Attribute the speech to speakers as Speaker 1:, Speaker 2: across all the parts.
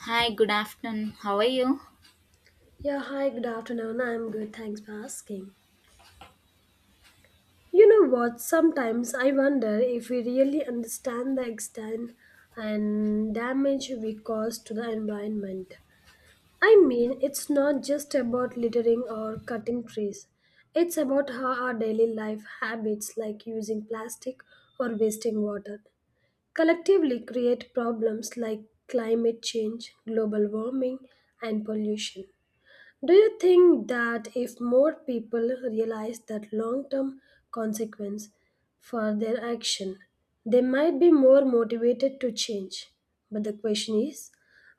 Speaker 1: Hi, good afternoon. How are you?
Speaker 2: Yeah, hi, good afternoon. I'm good, thanks for asking. You know what? Sometimes I wonder if we really understand the extent and damage we cause to the environment. I mean, it's not just about littering or cutting trees, it's about how our daily life habits, like using plastic or wasting water, collectively create problems like climate change, global warming, and pollution. Do you think that if more people realize that long term consequence for their action, they might be more motivated to change? But the question is,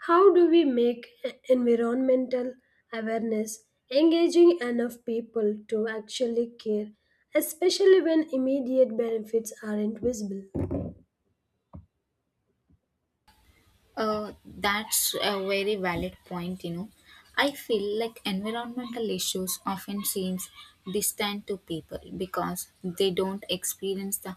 Speaker 2: how do we make environmental awareness engaging enough people to actually care, especially when immediate benefits aren't visible?
Speaker 1: That's a very valid point, you know. I feel like environmental issues often seems distant to people because they don't experience the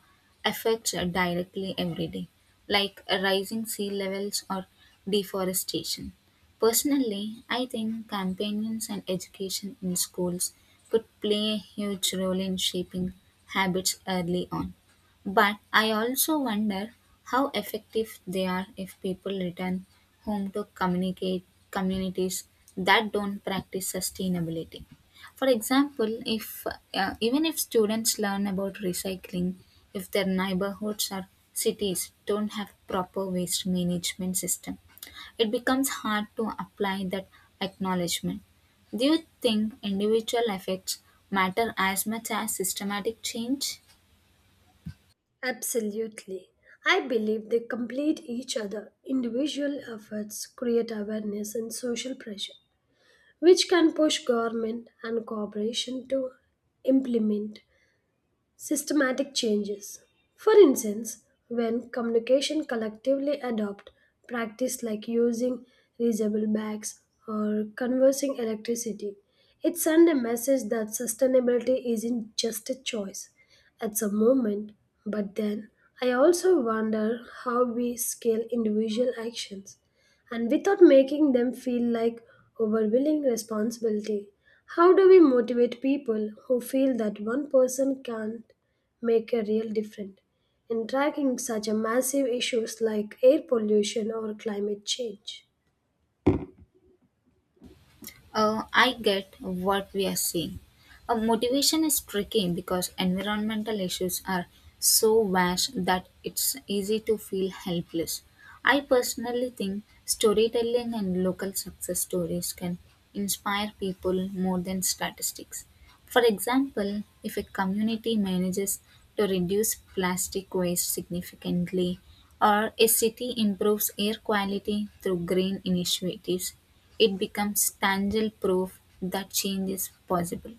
Speaker 1: effects directly every day, like rising sea levels or deforestation. Personally, I think campaigns and education in schools could play a huge role in shaping habits early on. But I also wonder how effective they are if people return home to communicate communities that don't practice sustainability. For example, if even if students learn about recycling, if their neighborhoods or cities don't have proper waste management system, it becomes hard to apply that acknowledgement. Do you think individual effects matter as much as systematic change?
Speaker 2: Absolutely. I believe they complete each other. Individual efforts create awareness and social pressure, which can push government and corporation to implement systematic changes. For instance, when communication collectively adopt practice like using reusable bags or conversing electricity, it sends a message that sustainability isn't just a choice. It's a movement, but then I also wonder how we scale individual actions and without making them feel like overwhelming responsibility. How do we motivate people who feel that one person can't make a real difference in tracking such a massive issues like air pollution or climate change?
Speaker 1: I get what we are seeing. Motivation is tricky because environmental issues are so vast that it's easy to feel helpless. I personally think storytelling and local success stories can inspire people more than statistics. For example, if a community manages to reduce plastic waste significantly, or a city improves air quality through green initiatives, it becomes tangible proof that change is possible.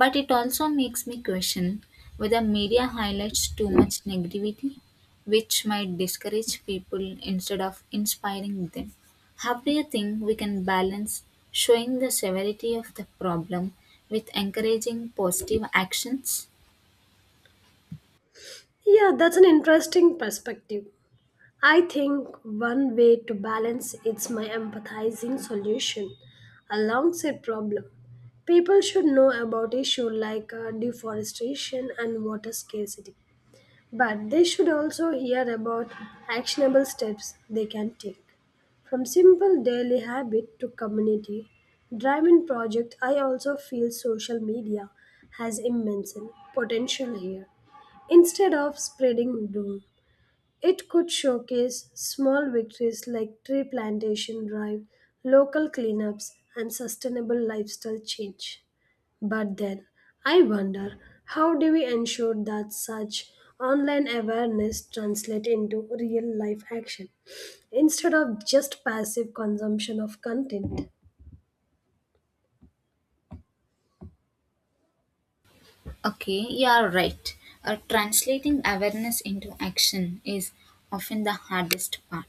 Speaker 1: But it also makes me question whether media highlights too much negativity, which might discourage people instead of inspiring them. How do you think we can balance showing the severity of the problem with encouraging positive actions?
Speaker 2: Yeah, that's an interesting perspective. I think one way to balance it's my empathizing solution alongside problem. People should know about issue like deforestation and water scarcity, but they should also hear about actionable steps they can take. From simple daily habit to community driven project, I also feel social media has immense potential here. Instead of spreading doom, it could showcase small victories like tree plantation drive, local cleanups, and sustainable lifestyle change. But then, I wonder how do we ensure that such online awareness translate into real life action instead of just passive consumption of content?
Speaker 1: Okay, you are right. Translating awareness into action is often the hardest part.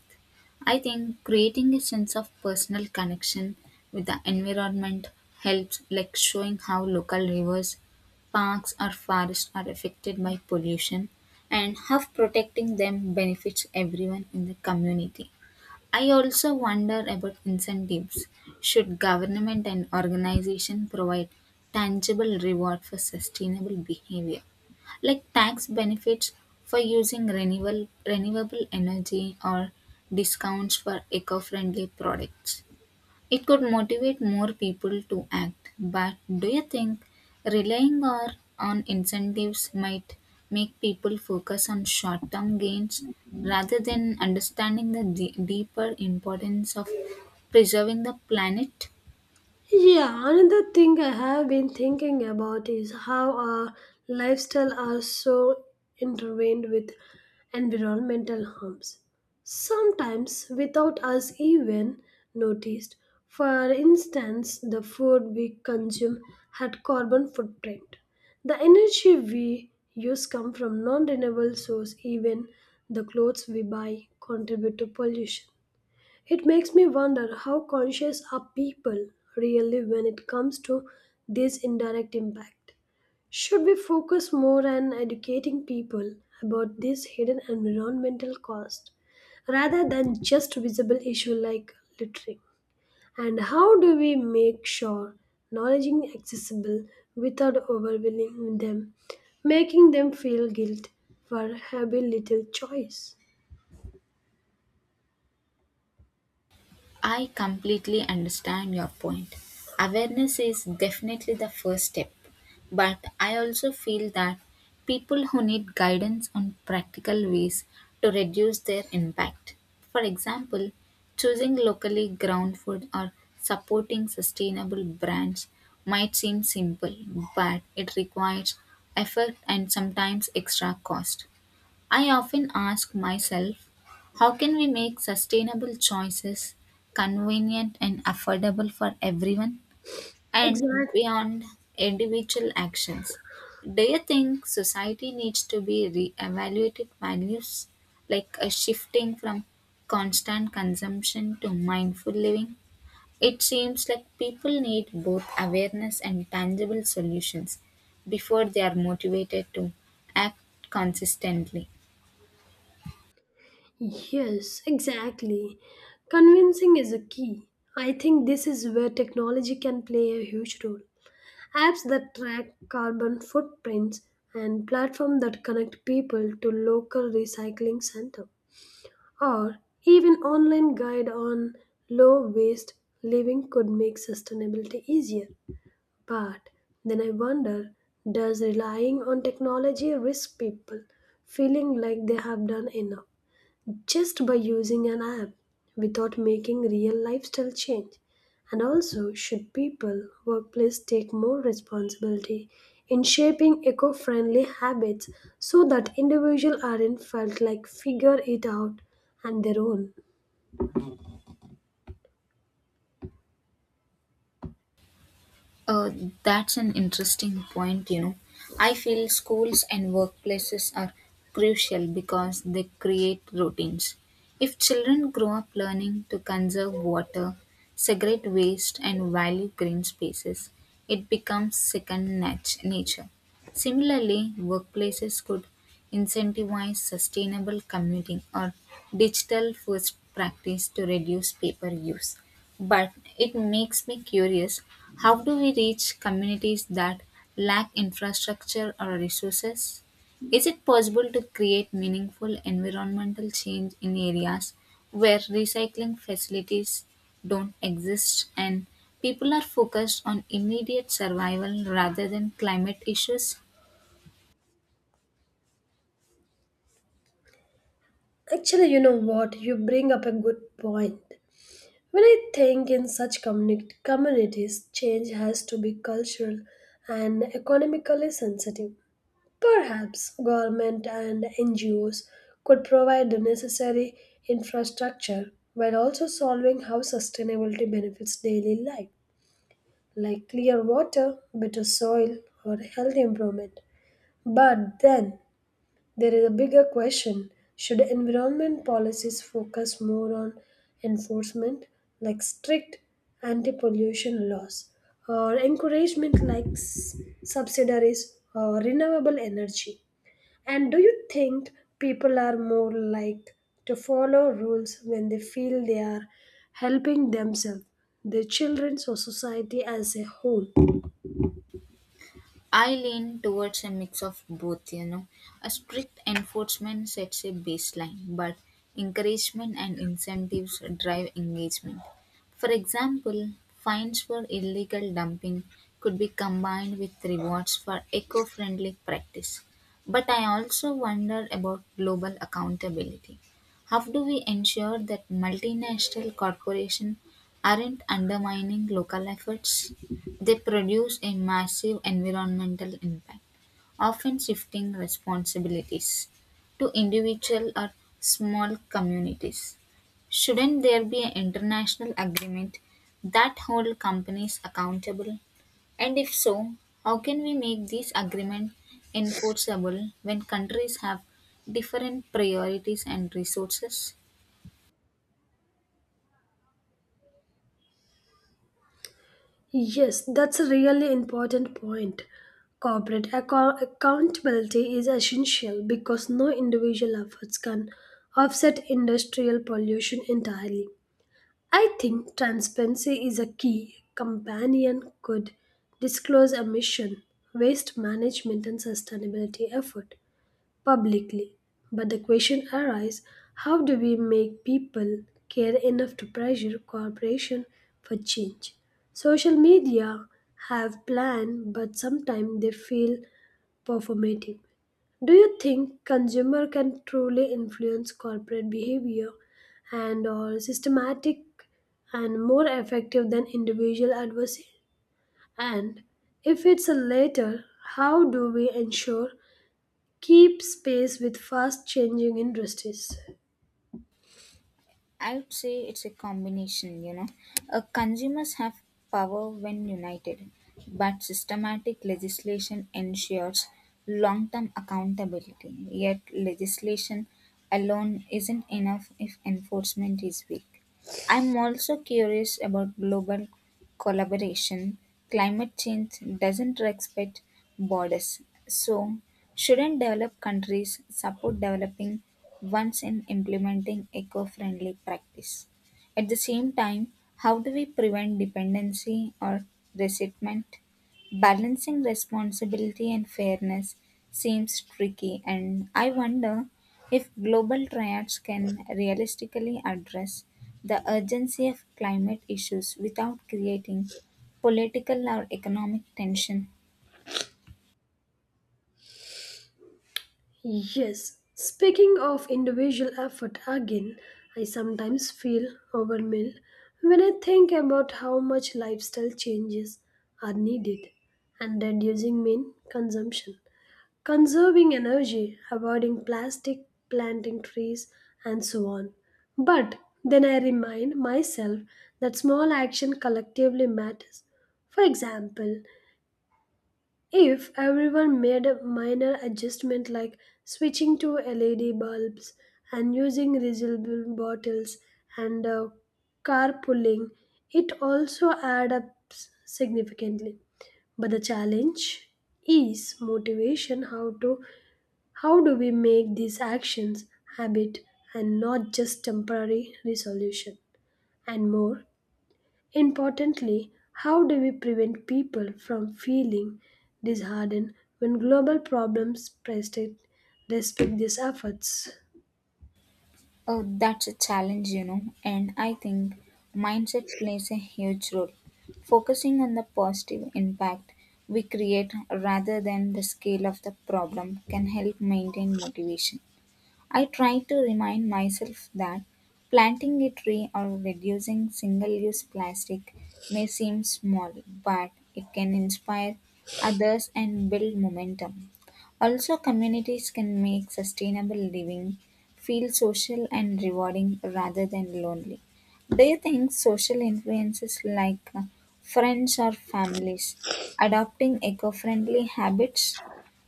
Speaker 1: I think creating a sense of personal connection with the environment helps, like showing how local rivers, parks, or forests are affected by pollution and how protecting them benefits everyone in the community. I also wonder about incentives. Should government and organization provide tangible reward for sustainable behavior, like tax benefits for using renewable energy or discounts for eco-friendly products? It could motivate more people to act, but do you think relying or on incentives might make people focus on short term gains rather than understanding the deeper importance of preserving the planet?
Speaker 2: Yeah, another thing I have been thinking about is how our lifestyle are so intertwined with environmental harms. Sometimes without us even noticed. For instance, the food we consume had carbon footprint. The energy we use come from non-renewable source. Even the clothes we buy contribute to pollution. It makes me wonder how conscious are people really when it comes to this indirect impact. Should we focus more on educating people about this hidden environmental cost rather than just visible issue like littering? And how do we make sure knowledge is accessible without overwhelming them, making them feel guilt for having little choice?
Speaker 1: I completely understand your point. Awareness is definitely the first step, but I also feel that people who need guidance on practical ways to reduce their impact. For example, choosing locally ground food or supporting sustainable brands might seem simple, but it requires effort and sometimes extra cost. I often ask myself, how can we make sustainable choices convenient and affordable for everyone and
Speaker 2: Exactly.
Speaker 1: beyond individual actions? Do you think society needs to be re-evaluated values like a shifting from constant consumption to mindful living? It seems like people need both awareness and tangible solutions before they are motivated to act consistently.
Speaker 2: Yes, exactly. Convincing is a key. I think this is where technology can play a huge role. Apps that track carbon footprints and platforms that connect people to local recycling center, or even online guide on low waste living could make sustainability easier. But then I wonder, does relying on technology risk people feeling like they have done enough, just by using an app without making real lifestyle change? And also, should people, workplace take more responsibility in shaping eco friendly habits so that individuals aren't felt like figure it out on their own?
Speaker 1: Uh, that's an interesting point, you know. I feel schools and workplaces are crucial because they create routines. If children grow up learning to conserve water, segregate waste, and value green spaces, it becomes second nature. Similarly, workplaces could incentivize sustainable commuting or digital first practice to reduce paper use. But it makes me curious, how do we reach communities that lack infrastructure or resources? Is it possible to create meaningful environmental change in areas where recycling facilities don't exist and people are focused on immediate survival rather than climate issues?
Speaker 2: Actually, you know what? You bring up a good point. When I think in such communities, change has to be cultural and economically sensitive. Perhaps government and NGOs could provide the necessary infrastructure while also solving how sustainability benefits daily life, like clear water, better soil, or health improvement. But then there is a bigger question, should environment policies focus more on enforcement, like strict anti pollution laws, or encouragement, like subsidiaries or renewable energy? And do you think people are more like to follow rules when they feel they are helping themselves, their children, or society as a whole?
Speaker 1: I lean towards a mix of both, you know. A strict enforcement sets a baseline, but encouragement and incentives drive engagement. For example, fines for illegal dumping could be combined with rewards for eco friendly practice. But I also wonder about global accountability. How do we ensure that multinational corporations aren't undermining local efforts? They produce a massive environmental impact, often shifting responsibilities to individual or small communities. Shouldn't there be an international agreement that hold companies accountable? And if so, how can we make this agreement enforceable when countries have different priorities and resources?
Speaker 2: Yes, that's a really important point. Corporate accountability is essential because no individual efforts can offset industrial pollution entirely. I think transparency is a key companion could disclose emission, waste management and sustainability effort publicly. But the question arises, how do we make people care enough to pressure corporation for change? Social media have plan but sometimes they feel performative. Do you think consumer can truly influence corporate behavior and or systematic and more effective than individual advocacy? And if it's a latter, how do we ensure keep space with fast changing industries?
Speaker 1: I would say it's a combination, you know. Consumers have power when united, but systematic legislation ensures long term accountability. Yet, legislation alone isn't enough if enforcement is weak. I am also curious about global collaboration. Climate change doesn't respect borders. So, shouldn't developed countries support developing ones in implementing eco friendly practice? At the same time, how do we prevent dependency or resentment? Balancing responsibility and fairness seems tricky, and I wonder if global triads can realistically address the urgency of climate issues without creating political or economic tension.
Speaker 2: Yes, speaking of individual effort again, I sometimes feel overwhelmed when I think about how much lifestyle changes are needed and reducing main consumption, conserving energy, avoiding plastic, planting trees, and so on. But then I remind myself that small action collectively matters. For example, if everyone made a minor adjustment like switching to LED bulbs and using reusable bottles and carpooling, it also adds up significantly. But the challenge is motivation, how to how do we make these actions habit and not just temporary resolution, and more importantly, how do we prevent people from feeling disheartened when global problems persist despite these efforts?
Speaker 1: Oh, that's a challenge, you know, and I think mindset plays a huge role. Focusing on the positive impact we create rather than the scale of the problem can help maintain motivation. I try to remind myself that planting a tree or reducing single use plastic may seem small, but it can inspire others and build momentum. Also, communities can make sustainable living feel social and rewarding rather than lonely. Do you think social influences like friends or families adopting eco friendly habits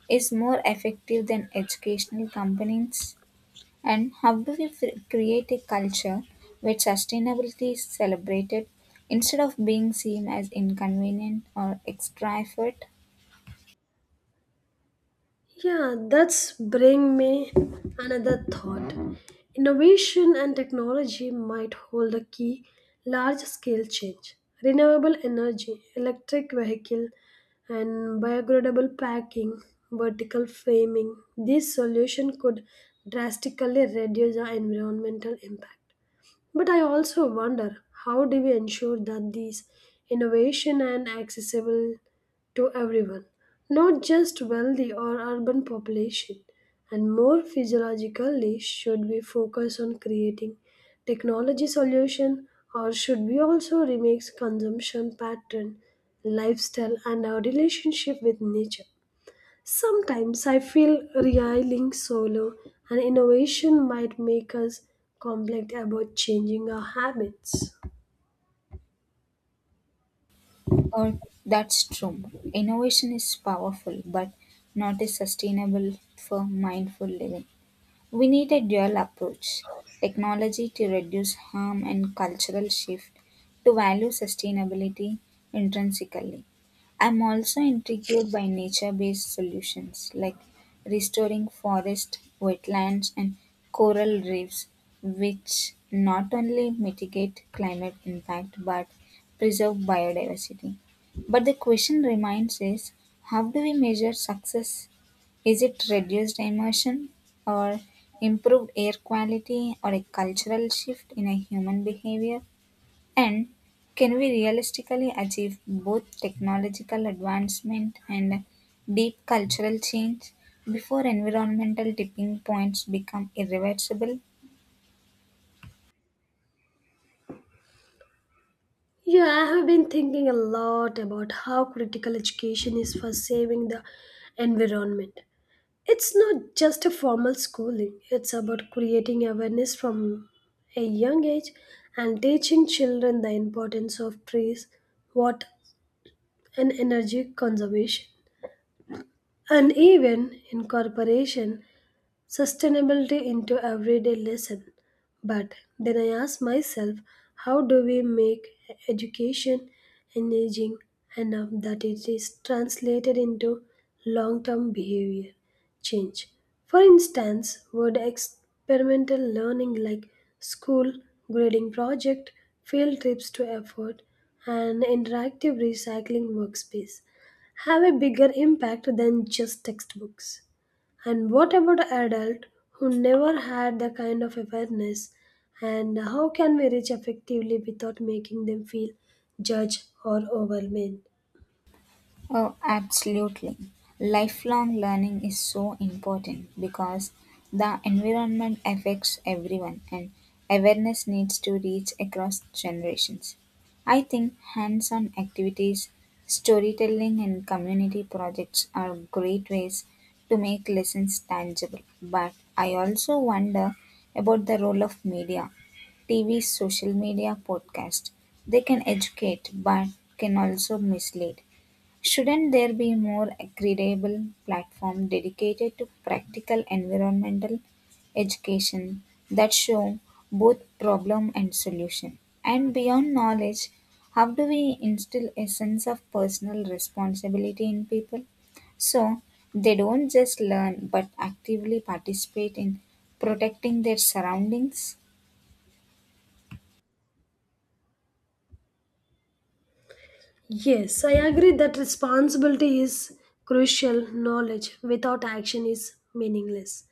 Speaker 1: is more effective than educational campaigns? And how do we create a culture where sustainability is celebrated instead of being seen as inconvenient or extra effort?
Speaker 2: Yeah, that's bring me another thought. Innovation and technology might hold the key large scale change. Renewable energy, electric vehicle and biodegradable packing, vertical framing. This solution could drastically reduce our environmental impact. But I also wonder, how do we ensure that these innovation and accessible to everyone, not just wealthy or urban population, and more physiologically should we focus on creating technology solution, or should we also remix consumption pattern, lifestyle and our relationship with nature? Sometimes I feel RIA linked solo and innovation might make us complex about changing our habits.
Speaker 1: Or that's true. Innovation is powerful, but not is sustainable for mindful living. We need a dual approach, technology to reduce harm and cultural shift to value sustainability intrinsically. I'm also intrigued by nature based solutions like restoring forest, wetlands, and coral reefs, which not only mitigate climate impact but preserve biodiversity. But the question remains, is how do we measure success, is it reduced immersion, or improved air quality, or a cultural shift in a human behavior? And can we realistically achieve both technological advancement and deep cultural change before environmental tipping points become irreversible?
Speaker 2: Yeah, I have been thinking a lot about how critical education is for saving the environment. It's not just a formal schooling, it's about creating awareness from a young age and teaching children the importance of trees, water, and energy conservation. And even incorporation sustainability into everyday lesson. But then I ask myself, how do we make education engaging enough that it is translated into long-term behavior change? For instance, would experimental learning like school grading project, field trips to effort, and interactive recycling workspace have a bigger impact than just textbooks? And what about adult who never had the kind of awareness? And how can we reach effectively without making them feel judged or overwhelmed?
Speaker 1: Oh, absolutely. Lifelong learning is so important because the environment affects everyone and awareness needs to reach across generations. I think hands on activities, storytelling, and community projects are great ways to make lessons tangible. But I also wonder about the role of media, TV, social media, podcast. They can educate but can also mislead. Shouldn't there be more credible platform dedicated to practical environmental education that show both problem and solution? And beyond knowledge, how do we instill a sense of personal responsibility in people? So they don't just learn but actively participate in protecting their surroundings?
Speaker 2: Yes, I agree that responsibility is crucial. Knowledge without action is meaningless.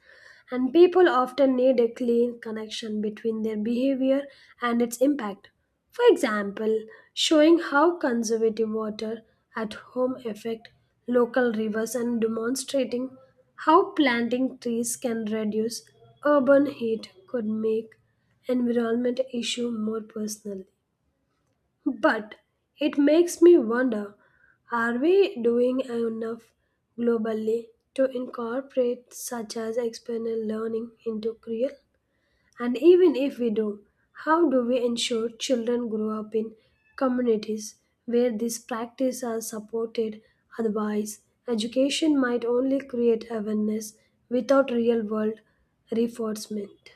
Speaker 2: And people often need a clean connection between their behavior and its impact. For example, showing how conservative water at home affect local rivers and demonstrating how planting trees can reduce urban heat could make environment issue more personally. But it makes me wonder, are we doing enough globally to incorporate such as external learning into Creole? And even if we do, how do we ensure children grow up in communities where these practices are supported? Otherwise, education might only create awareness without real world reinforcement.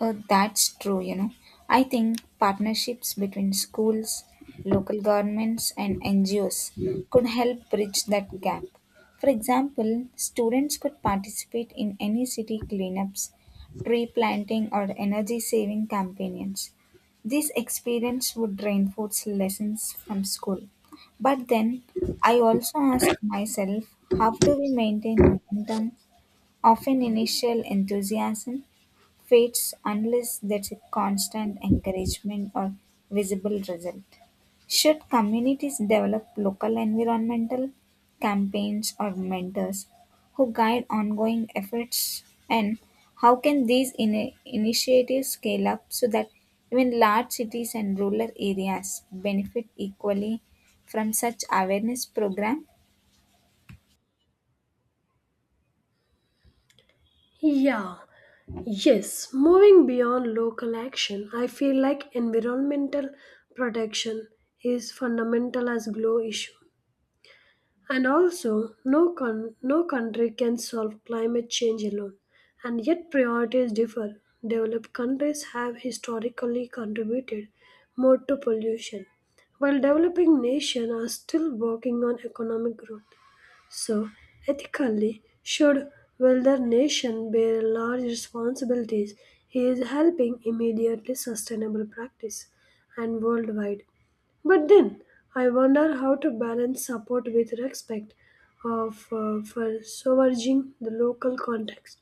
Speaker 1: That's true, you know. I think partnerships between schools, local governments, and NGOs could help bridge that gap. For example, students could participate in any city cleanups, tree planting, or energy saving campaigns. This experience would reinforce lessons from school. But then I also ask myself, how do we maintain momentum? Often initial enthusiasm fades unless there's a constant encouragement or visible result. Should communities develop local environmental campaigns or mentors who guide ongoing efforts? And how can these initiatives scale up so that even large cities and rural areas benefit equally from such awareness program?
Speaker 2: Yeah, yes, moving beyond local action, I feel like environmental protection is fundamental as glow issue. And also, no country can solve climate change alone, and yet priorities differ. Developed countries have historically contributed more to pollution, while developing nations are still working on economic growth. So, ethically, should wealthier nation bear large responsibilities? He is helping immediately sustainable practice and worldwide. But then, I wonder how to balance support with respect of for sovereign the local context.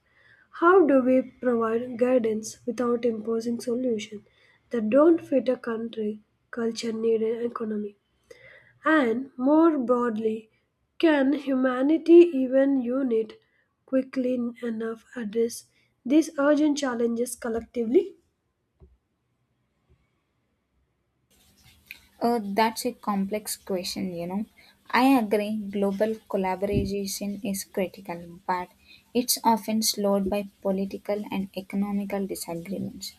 Speaker 2: How do we provide guidance without imposing solutions that don't fit a country, culture, need, and economy? And more broadly, can humanity even unit quickly enough address these urgent challenges collectively?
Speaker 1: That's a complex question, you know. I agree, global collaboration is critical, but it's often slowed by political and economical disagreements.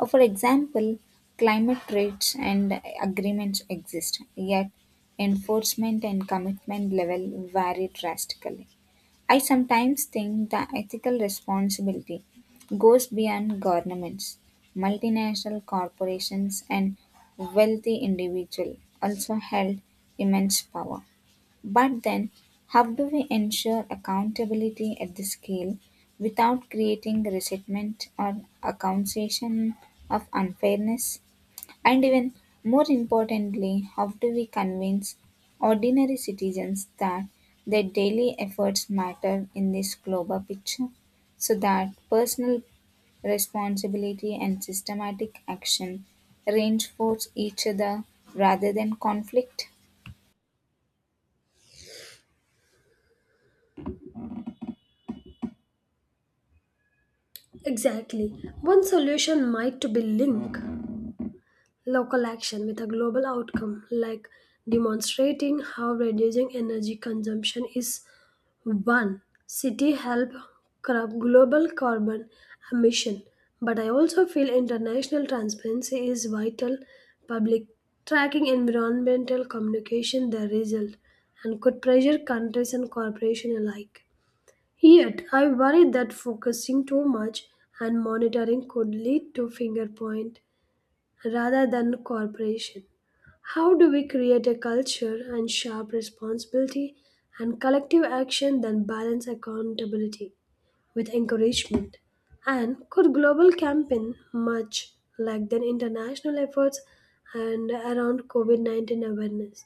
Speaker 1: For example, climate trades and agreements exist, yet enforcement and commitment level vary drastically. I sometimes think the ethical responsibility goes beyond governments. Multinational corporations and wealthy individuals also held immense power. But then, how do we ensure accountability at the scale without creating resentment or accusation of unfairness? And even more importantly, how do we convince ordinary citizens that their daily efforts matter in this global picture so that personal responsibility and systematic action reinforce each other rather than conflict?
Speaker 2: Exactly. One solution might to be link local action with a global outcome, like demonstrating how reducing energy consumption is one city help curb global carbon emission. But I also feel international transparency is vital. Public tracking environmental communication, the result, and could pressure countries and corporations alike. Yet, I worry that focusing too much and monitoring could lead to finger point rather than corporation? How do we create a culture and sharp responsibility and collective action that balance accountability with encouragement? And could global campaign much like the international efforts and around COVID-19 awareness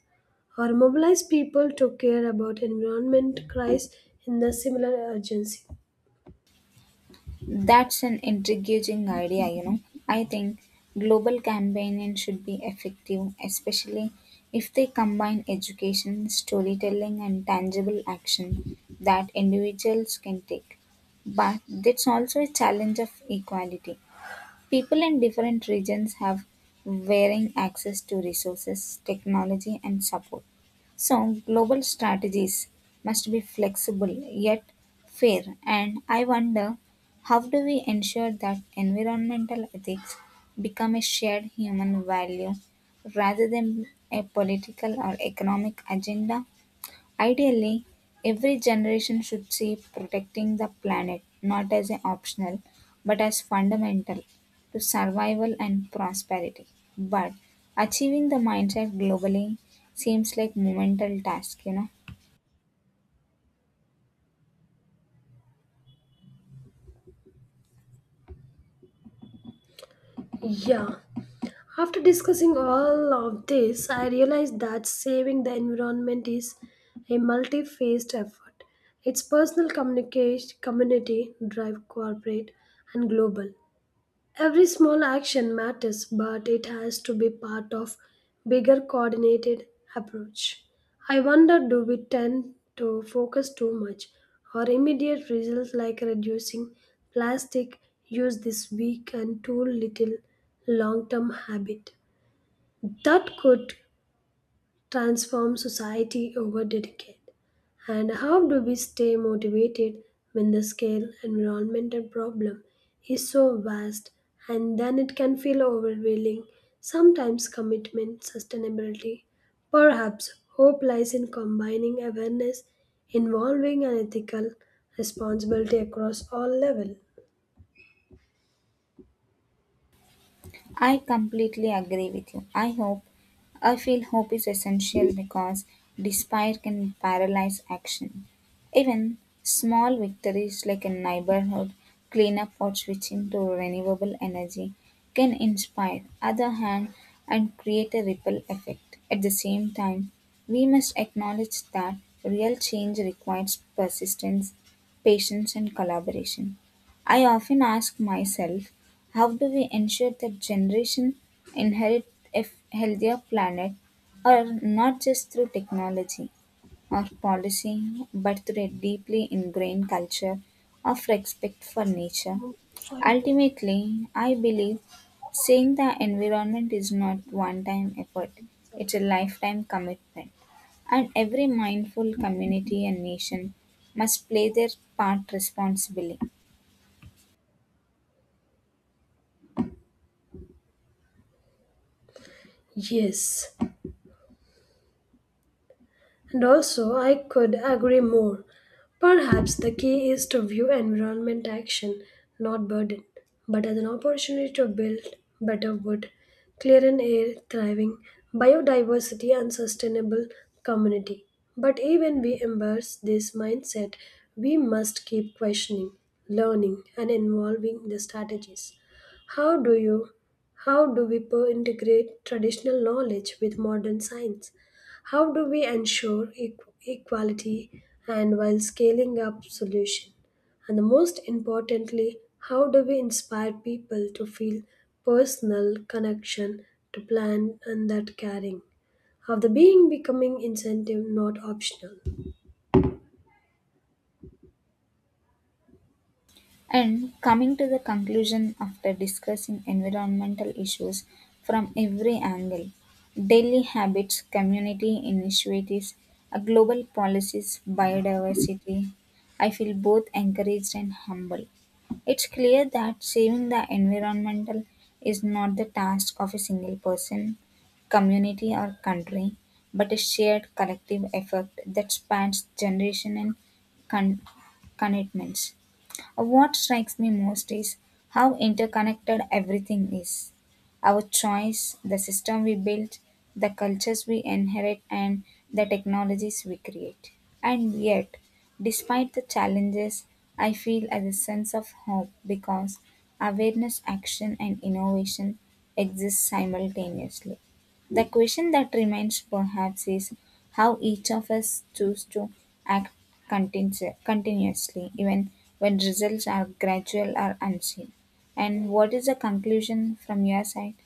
Speaker 2: or mobilize people to care about environment crisis in the similar urgency?
Speaker 1: That's an intriguing idea, you know. I think global campaigning should be effective, especially if they combine education, storytelling, and tangible action that individuals can take. But that's also a challenge of equality. People in different regions have varying access to resources, technology, and support. So, global strategies must be flexible yet fair. And I wonder, how do we ensure that environmental ethics become a shared human value rather than a political or economic agenda? Ideally, every generation should see protecting the planet not as an optional but as fundamental to survival and prosperity. But achieving the mindset globally seems like monumental task, you know.
Speaker 2: Yeah. After discussing all of this, I realized that saving the environment is a multi phased effort. It's personal, communication, community, drive, corporate, and global. Every small action matters, but it has to be part of bigger coordinated approach. I wonder, do we tend to focus too much on immediate results like reducing plastic use this week and too little long term habit that could transform society over decades? And how do we stay motivated when the scale environmental problem is so vast and then it can feel overwhelming? Sometimes commitment, sustainability, perhaps hope lies in combining awareness involving an ethical responsibility across all levels.
Speaker 1: I completely agree with you. I feel hope is essential because despair can paralyze action. Even small victories like a neighborhood cleanup or switching to renewable energy can inspire other hand and create a ripple effect. At the same time, we must acknowledge that real change requires persistence, patience, and collaboration. I often ask myself, how do we ensure that generations inherit a healthier planet, or not just through technology or policy, but through a deeply ingrained culture of respect for nature?
Speaker 2: 5 minutes,
Speaker 1: Ultimately, I believe saving the environment is not one time effort, it's
Speaker 2: okay?
Speaker 1: a lifetime commitment. And every mindful community and nation must play their part responsibly.
Speaker 2: Yes. And also, I could agree more. Perhaps the key is to view environment action, not burden, but as an opportunity to build better wood, clear and air, thriving biodiversity, and sustainable community. But even we embrace this mindset, we must keep questioning, learning, and involving the strategies. How do you how do we integrate traditional knowledge with modern science? How do we ensure equality and while scaling up solution? And the most importantly, how do we inspire people to feel personal connection to plan and that caring? Of the being becoming incentive not optional.
Speaker 1: And coming to the conclusion after discussing environmental issues from every angle, daily habits, community initiatives, global policies, biodiversity, I feel both encouraged and humble. It's clear that saving the environmental is not the task of a single person, community, or country, but a shared collective effort that spans generation and con- commitments. What strikes me most is how interconnected everything is. Our choice, the system we build, the cultures we inherit, and the technologies we create. And yet, despite the challenges, I feel as a sense of hope because awareness, action, and innovation exist simultaneously. The question that remains, perhaps, is how each of us choose to act continuously, even when results are gradual or unseen. And what is the conclusion from your side?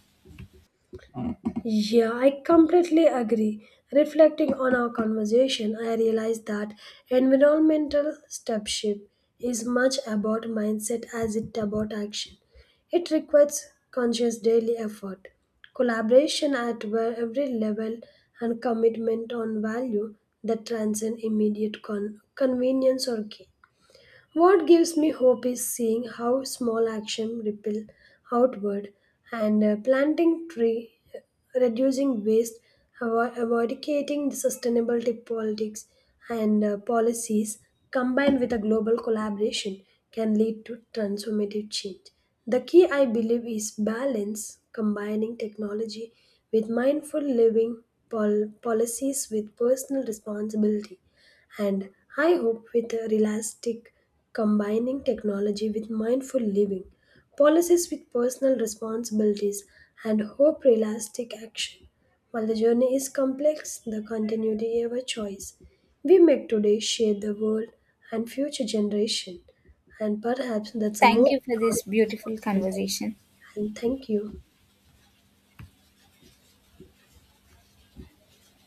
Speaker 2: Yeah, I completely agree. Reflecting on our conversation, I realized that environmental stewardship is much about mindset as it about action. It requires conscious daily effort, collaboration at where every level, and commitment on value that transcend immediate convenience or gain. What gives me hope is seeing how small action ripple outward and planting tree, reducing waste, eradicating the sustainability politics and policies combined with a global collaboration can lead to transformative change. The key I believe is balance, combining technology with mindful living policies with personal responsibility and I hope with a realistic combining technology with mindful living, policies with personal responsibilities, and hope realistic action. While the journey is complex, the continuity is our choice. We make today shape the world and future generation, and perhaps that's a
Speaker 1: Thank
Speaker 2: more
Speaker 1: you for
Speaker 2: proud
Speaker 1: this beautiful
Speaker 2: responsibility.
Speaker 1: conversation.
Speaker 2: And thank you.